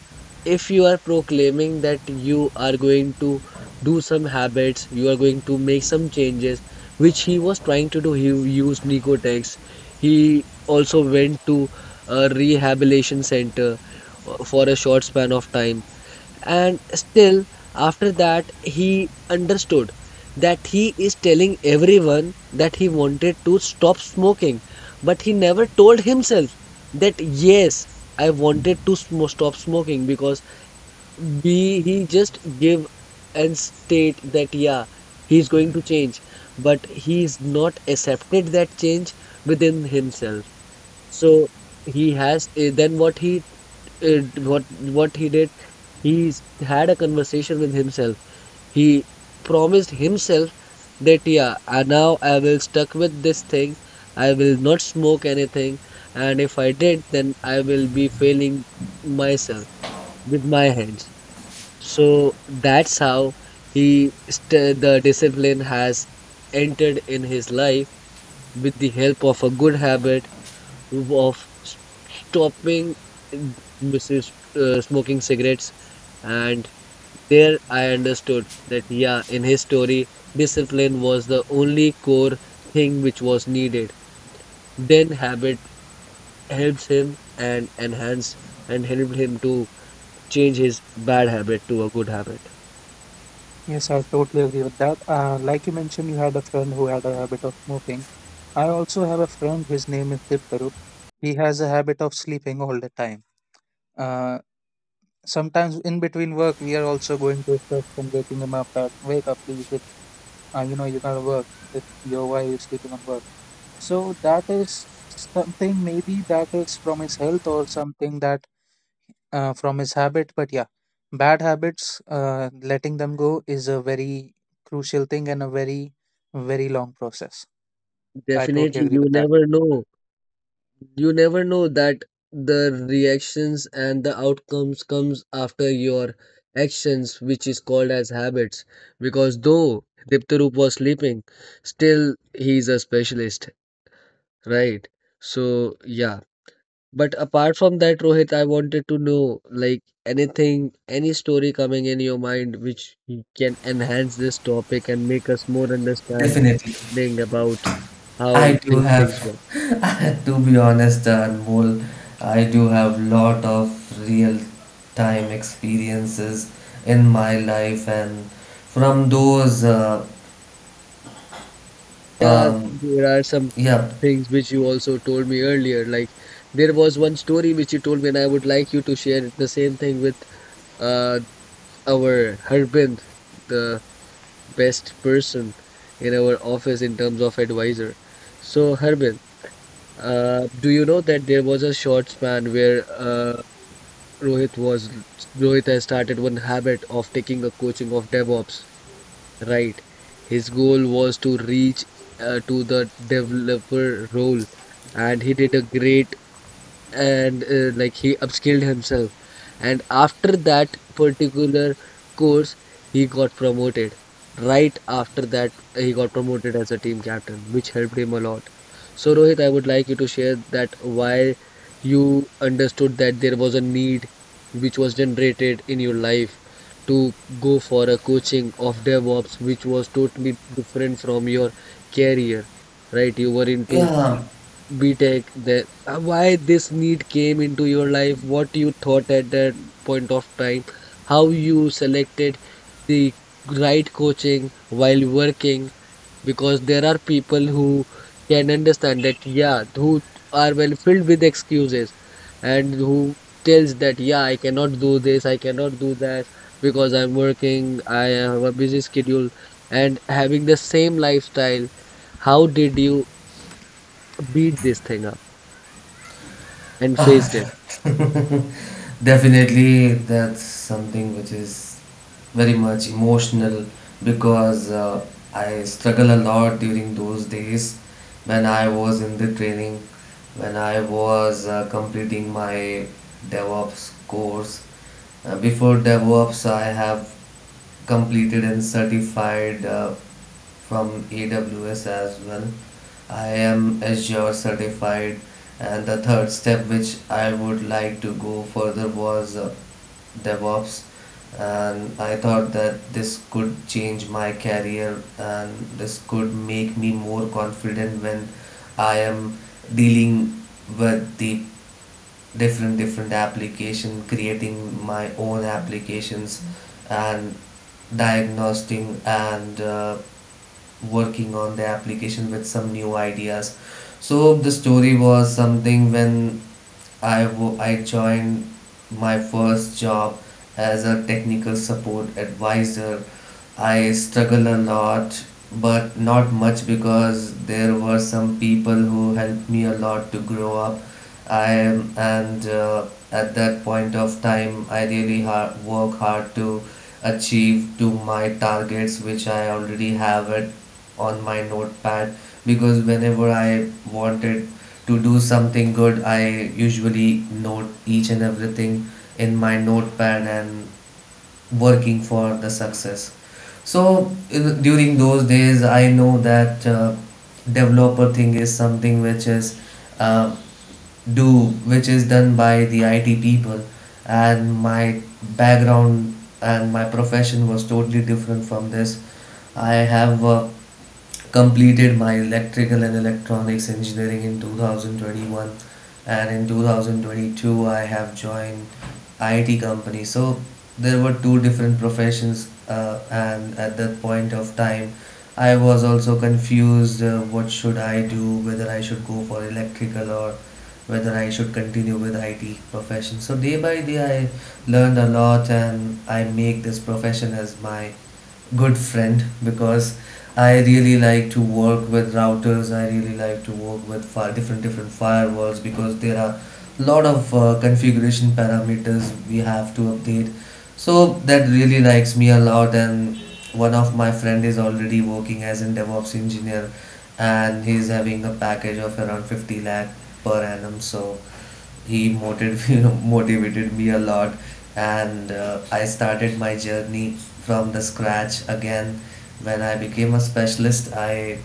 S2: if you are proclaiming that you are going to do some habits, you are going to make some changes, which he was trying to do. He used Nicotex. He also went to a rehabilitation center for a short span of time, and still after that he understood that he is telling everyone that he wanted to stop smoking, but he never told himself that yes, I wanted to stop smoking. Because we he just give and state that yeah, he's going to change, but he's not accepted that change within himself. So he has then what he what he did, he had a conversation with himself. He promised himself that, yeah, I now I will stuck with this thing. I will not smoke anything. And if I did, then I will be failing myself with my hands. So that's how the discipline has entered in his life with the help of a good habit of stopping uh, Mrs. Uh, smoking cigarettes. And there I understood that, yeah, in his story, discipline was the only core thing which was needed. Then habit helps him and enhance and helped him to change his bad habit to a good habit.
S3: Yes, I totally agree with that. Like you mentioned, you had a friend who had a habit of smoking. I also have a friend, his name is Diptarup. He has a habit of sleeping all the time. Uh, Sometimes in between work, we are also going to his desk and waking him up that, wake up, please, it's, you gotta work. It's your, why you are sleeping on work? So that is something maybe that is from his health or something that from his habit. But yeah, bad habits, letting them go is a very crucial thing and a very long process. I totally
S2: Definitely,
S3: agree
S2: you
S3: with that.
S2: never know. You never know that the reactions and the outcomes comes after your actions, which is called as habits. Because though Diptarup was sleeping, still he is a specialist. Right. So, yeah. But apart from that, Rohit, I wanted to know like anything, any story coming in your mind which can enhance this topic and make us more understanding
S1: definitely.
S2: about
S1: I
S2: how
S1: do
S2: these
S1: have,
S2: things work.
S1: [laughs] to be honest, Anmol, I do have lot of real time experiences in my life, and from those,
S2: Yeah,
S1: um,
S2: there are some
S1: yeah,
S2: things which you also told me earlier. Like there was one story which you told me, and I would like you to share the same thing with uh our Harbin, the best person in our office in terms of advisor. So, Harbin, do you know that there was a short span where Rohit was Rohit has started one habit of taking a coaching of DevOps, right? His goal was to reach to the developer role, and he did a great and like he upskilled himself, and after that particular course he got promoted. Right after that, he got promoted as a team captain, which helped him a lot. So Rohit, I would like you to share that why you understood that there was a need which was generated in your life to go for a coaching of DevOps, which was totally different from your career. Right, you were into
S1: yeah.
S2: BTech, that why this need came into your life, what you thought at that point of time, how you selected the right coaching while working, because there are people who can understand that, yeah, who are well filled with excuses and who tells that, yeah, I cannot do this, I cannot do that because I'm working, I have a busy schedule, and having the same lifestyle. How did you beat this thing up and
S1: Ah,
S2: faced it?
S1: [laughs] definitely, that's something which is very much emotional, because I struggle a lot during those days when I was in the training, when I was completing my DevOps course. Before DevOps, I have completed and certified from AWS as well. I am Azure certified, and the third step which I would like to go further was DevOps. And I thought that this could change my career and this could make me more confident when I am dealing with the different different application, creating my own applications and diagnosing and working on the application with some new ideas. So the story was something when I I joined my first job as a technical support advisor. I struggle a lot but not much, because there were some people who helped me a lot to grow up. I'm and At that point of time, I really work hard to achieve to my targets, which I already have it on my notepad, because whenever I wanted to do something good, I usually note each and everything in my notepad and working for the success. So in, during those days, I know that developer thing is something which is uh, which is done by the IT people, and my background and my profession was totally different from this. I have worked, completed my electrical and electronics engineering in 2021, and in 2022 I have joined IT company. So there were two different professions, and at that point of time I was also confused what should I do, whether I should go for electrical or whether I should continue with IT profession. So day by day I learned a lot, and I make this profession as my good friend, because I really like to work with routers. I really like to work with different different firewalls, because there are lot of configuration parameters we have to update. So that really likes me a lot. And one of my friend is already working as a DevOps engineer, and he's having a package of around 50 lakh per annum. So he motivated [laughs] you know, motivated me a lot, and I started my journey from the scratch again. When I became a specialist, I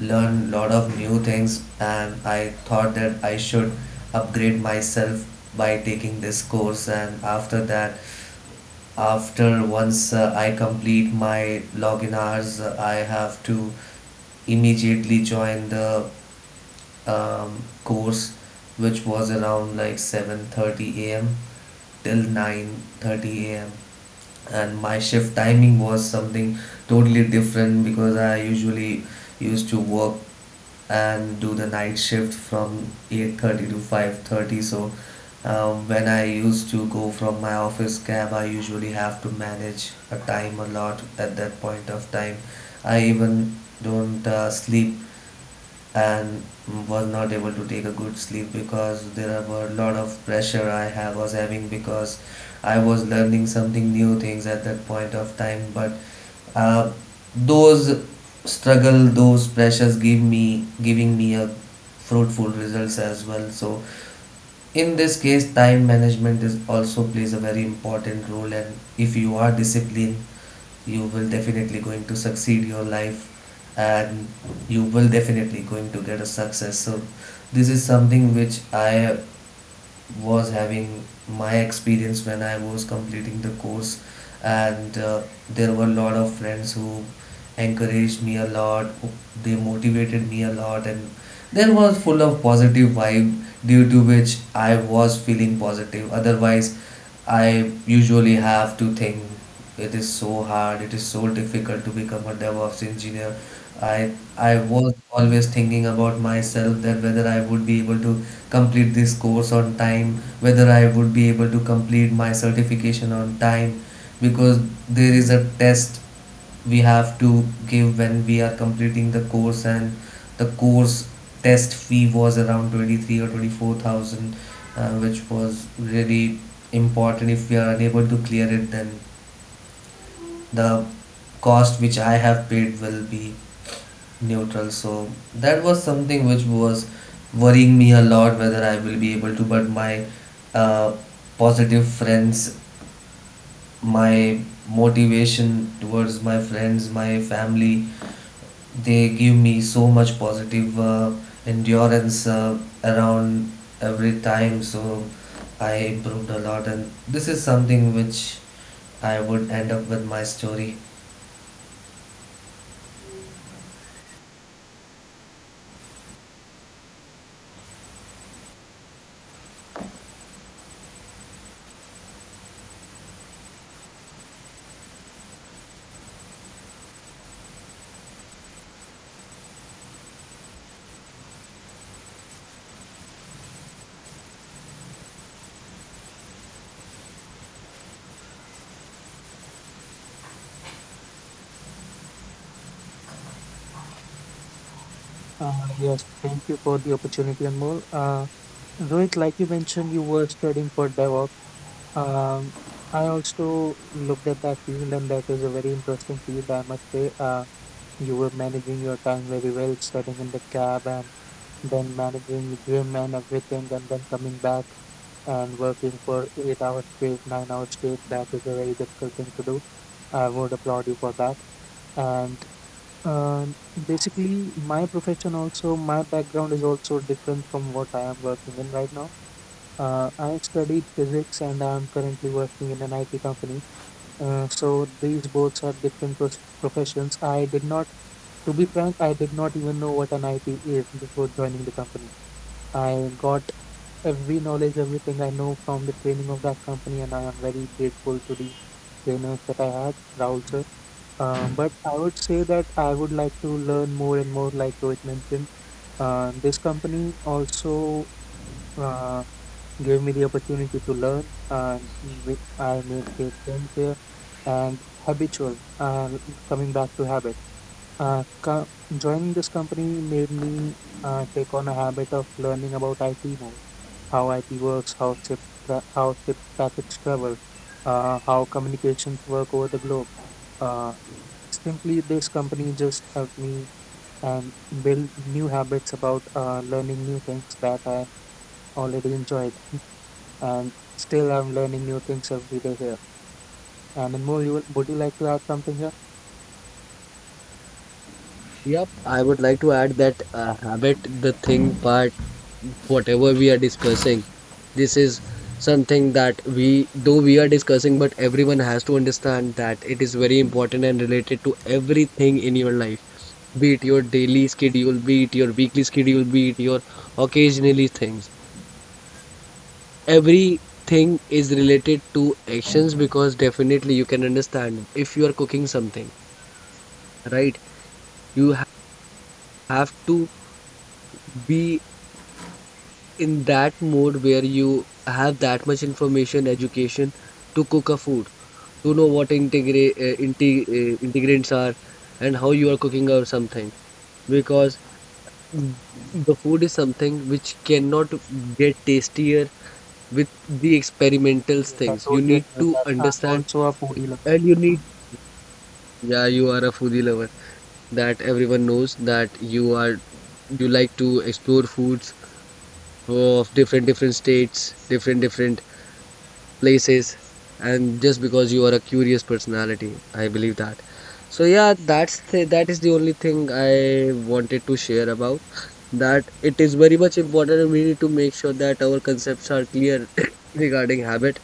S1: learned a lot of new things, and I thought that I should upgrade myself by taking this course. And after that, after once I complete my login hours, I have to immediately join the course, which was around like 7:30 a.m. till 9:30 a.m. and my shift timing was something totally different, because I usually used to work and do the night shift from 8:30 to 5:30. So when I used to go from my office cab, I usually have to manage a time a lot at that point of time. I even don't sleep, and was not able to take a good sleep, because there were a lot of pressure I have was having, because I was learning something new things at that point of time. But uh, those struggle, those pressures give me giving me a fruitful results as well. So in this case, time management is also plays a very important role. And if you are disciplined, you will definitely going to succeed your life, and you will definitely going to get a success. So this is something which I was having my experience when I was completing the course, and there were a lot of friends who encouraged me a lot. They motivated me a lot, and there was full of positive vibe due to which I was feeling positive. Otherwise, I usually have to think it is so hard, it is so difficult to become a DevOps engineer. I I was always thinking about myself that whether I would be able to complete this course on time, whether I would be able to complete my certification on time, because there is a test we have to give when we are completing the course, and the course test fee was around 23 or 24,000, which was really important. If we are unable to clear it, then the cost which I have paid will be neutral. So that was something which was worrying me a lot, whether I will be able to. But my uh, positive friends, my motivation towards my friends, my family, they give me so much positive endurance around every time. So I improved a lot, and this is something which I would end up with my story.
S3: Uh, yes, thank you for the opportunity and more. Rohit, like you mentioned, you were studying for DevOps. Um, I also looked at that field, and that is a very interesting field, I must say. You were managing your time very well, studying in the cab and then managing gym and everything, and then coming back and working for 8 hours straight, 9 hours straight. That is a very difficult thing to do. I would applaud you for that. And um basically, my profession also, my background is also different from what I am working in right now. I studied physics and I'm currently working in an IT company. So these both are different professions. I did not, to be frank, I did not even know what an IT is before joining the company. I got every knowledge, everything I know from the training of that company, and I am very grateful to the trainers that I had, Rahul sir. But I would say that I would like to learn more and more, like Rohit mentioned. This company also uh, gave me the opportunity to learn. I made great friends here and habitual, coming back to habit. Uh, co- Joining this company made me take on a habit of learning about IT more, how IT works, how ship packets travel, how communications work over the globe. Uh, simply, this company just helped me and build new habits about learning new things that I already enjoyed, and still I'm learning new things every day here. And more, you will, would you like to add something here?
S2: Yep, I would like to add that habit, the thing part, whatever we are discussing, this is something that we, though we are discussing, but everyone has to understand that it is very important and related to everything in your life, be it your daily schedule, be it your weekly schedule, be it your occasionally things. Everything is related to actions, because definitely you can understand if you are cooking something, right? You have to be in that mode where you have that much information, education to cook a food, to know what ingredients are and how you are cooking or something. Because mm, the food is something which cannot get tastier with the experimental
S3: Yes, I
S2: things. You
S3: totally
S2: need
S3: agree with
S2: to
S3: that. I'm
S2: understand
S3: also a foodie lover.
S2: and you need, yeah, you are a foodie lover. That everyone knows, that you are, you like to explore foods of different different states, different different places, and just because you are a curious personality, I believe that. So yeah, that's the that is the only thing I wanted to share about, that it is very much important and we need to make sure that our concepts are clear [coughs] regarding habit,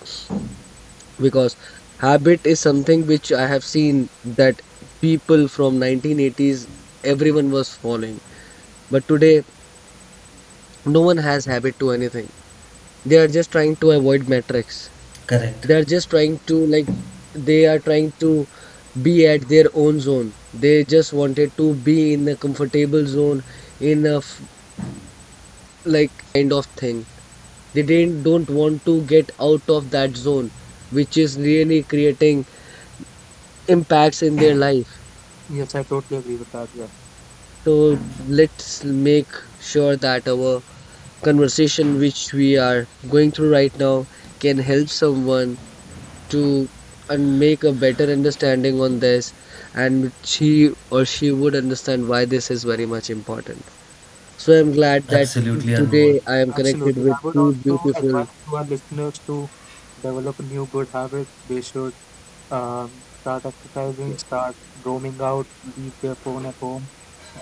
S2: because habit is something which I have seen that people from 1980s everyone was following, but today no one has habit to anything. They are just trying to avoid metrics,
S1: Correct.
S2: they are just trying to like, they are trying to be at their own zone. They just wanted to be in a comfortable zone, in a like kind of thing. They didn't don't want to get out of that zone, which is really creating impacts in their life.
S3: Yes, I totally agree with that. Yes,
S2: So let's make sure that our conversation which we are going through right now can help someone to and make a better understanding on this, and she or she would understand why this is very much important. So I'm glad that
S1: Absolutely, Anmol.
S2: today I am connected
S3: absolutely. I
S2: with
S3: would
S2: two
S3: also
S2: beautiful,
S3: advise to our listeners to develop new good habits. They should start exercising, start roaming out, leave their phone at home,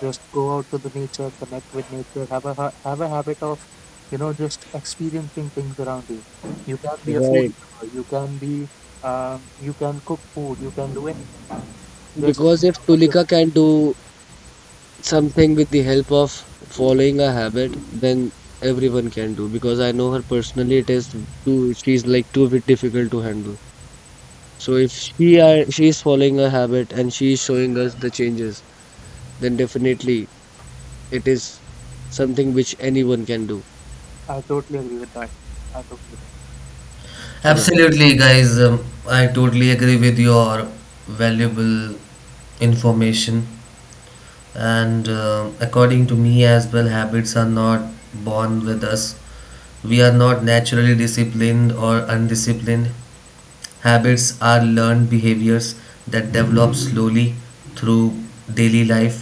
S3: just go out to the nature, connect with nature, have a habit of, you know, just experiencing things around you. You can be a
S2: right,
S3: foodie, you can be, you can cook food, you can do anything. Just
S2: because if
S3: get out of your
S2: Tulika
S3: phone.
S2: can do something with the help of following a habit, then everyone can do, because I know her personally, it is too, she's like too bit difficult to handle. So if she is following a habit and she is showing us the changes, then definitely it is something which anyone can do.
S3: I totally agree with that. I totally do.
S2: Right.
S1: Absolutely, guys. I totally agree with your valuable information. And according to me as well, habits are not born with us. We are not naturally disciplined or undisciplined. Habits are learned behaviors that develop slowly through daily life.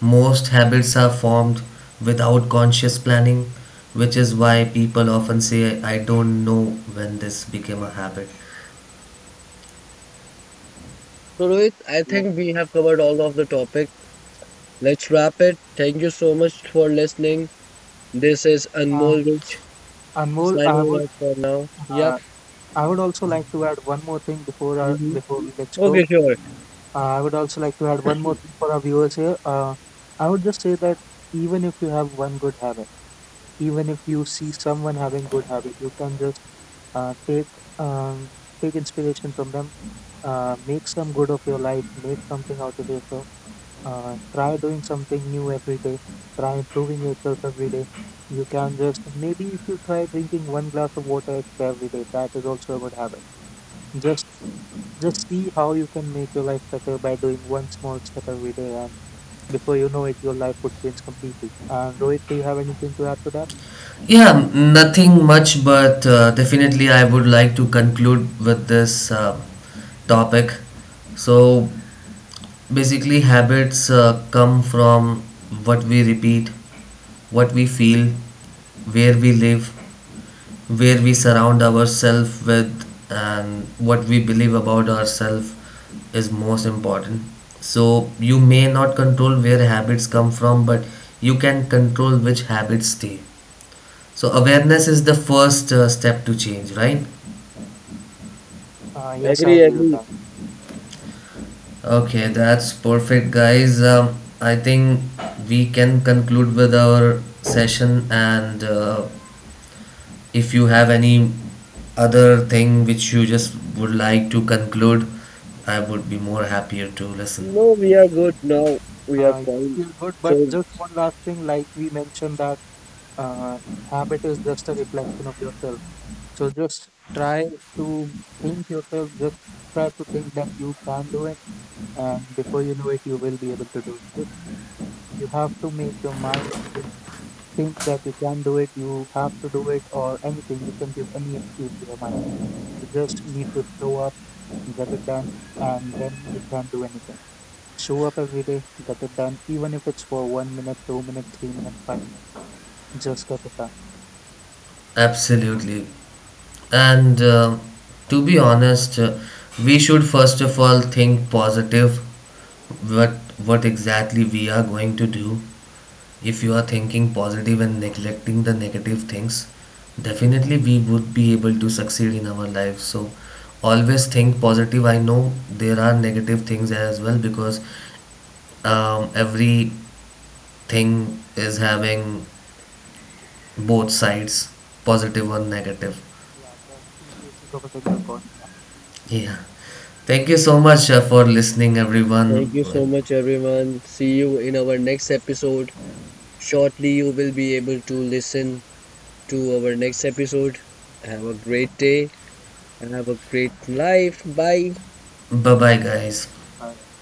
S1: Most habits are formed without conscious planning, which is why people often say, I don't know when this became a habit.
S2: So Rohit, I
S3: Yes.
S2: think we have covered all of the topic. Let's wrap it. Thank you so much for listening. This is
S3: Um,
S2: Anmol Rich
S3: Anmol,
S2: signing off for now. Yep.
S3: Uh, I would also like to add one more thing before
S2: Mm-hmm.
S3: before we let's
S2: Okay,
S3: go.
S2: sure.
S3: I would also like to add one more thing for our viewers here. I would just say that even if you have one good habit, even if you see someone having good habit, you can just uh, take um, take inspiration from them, make some good of your life, make something out of yourself, try doing something new every day, try improving yourself every day. You can just maybe if you try drinking one glass of water extra every day, that is also a good habit. just just see how you can make your life better by doing one small step every day, and before you know it your life would change completely. And Rohit, do you have anything to add to that?
S1: Yeah, nothing much, but definitely I would like to conclude with this topic. So basically, habits come from what we repeat, what we feel, where we live, where we surround ourselves with, and what we believe about ourselves is most important. So you may not control where habits come from, but you can control which habits stay. So awareness is the first step to change, right?
S3: Yes, I
S2: Agree,
S3: agree with
S2: agree.
S3: that.
S1: Okay, that's perfect, guys. I think we can conclude with our session, and if you have any other thing which you just would like to conclude, I would be more happier to listen.
S2: No, we are good now. We are
S3: You
S2: fine.
S3: feel good, but
S2: So
S3: just one last thing, like we mentioned that uh, habit is just a reflection of yourself. So just try to think yourself, just try to think that you can do it, and before you know it, you will be able to do it. Just you have to make your mind just think that you can do it, you have to do it, or anything. You can give any excuse to your mind. You just need to show up, get it done, and then you can do anything. Show up every day, get it done, even if it's for 1 minute, 2 minutes, 3 minutes, 5 minutes, just get it done.
S1: Absolutely, and to be honest, we should first of all think positive. What what exactly we are going to do? If you are thinking positive and neglecting the negative things, definitely we would be able to succeed in our life. So always think positive. I know there are negative things as well, because everything is having both sides, positive or negative.
S3: Yeah, the two faces of a single coin. Yeah,
S1: Yeah. Thank you so much for listening,
S2: thank
S1: everyone.
S2: you so much, everyone. See you in our next episode. Shortly, you will be able to listen to our next episode. Have a great day. Have a great life. Bye.
S1: Bye bye, guys.
S3: bye.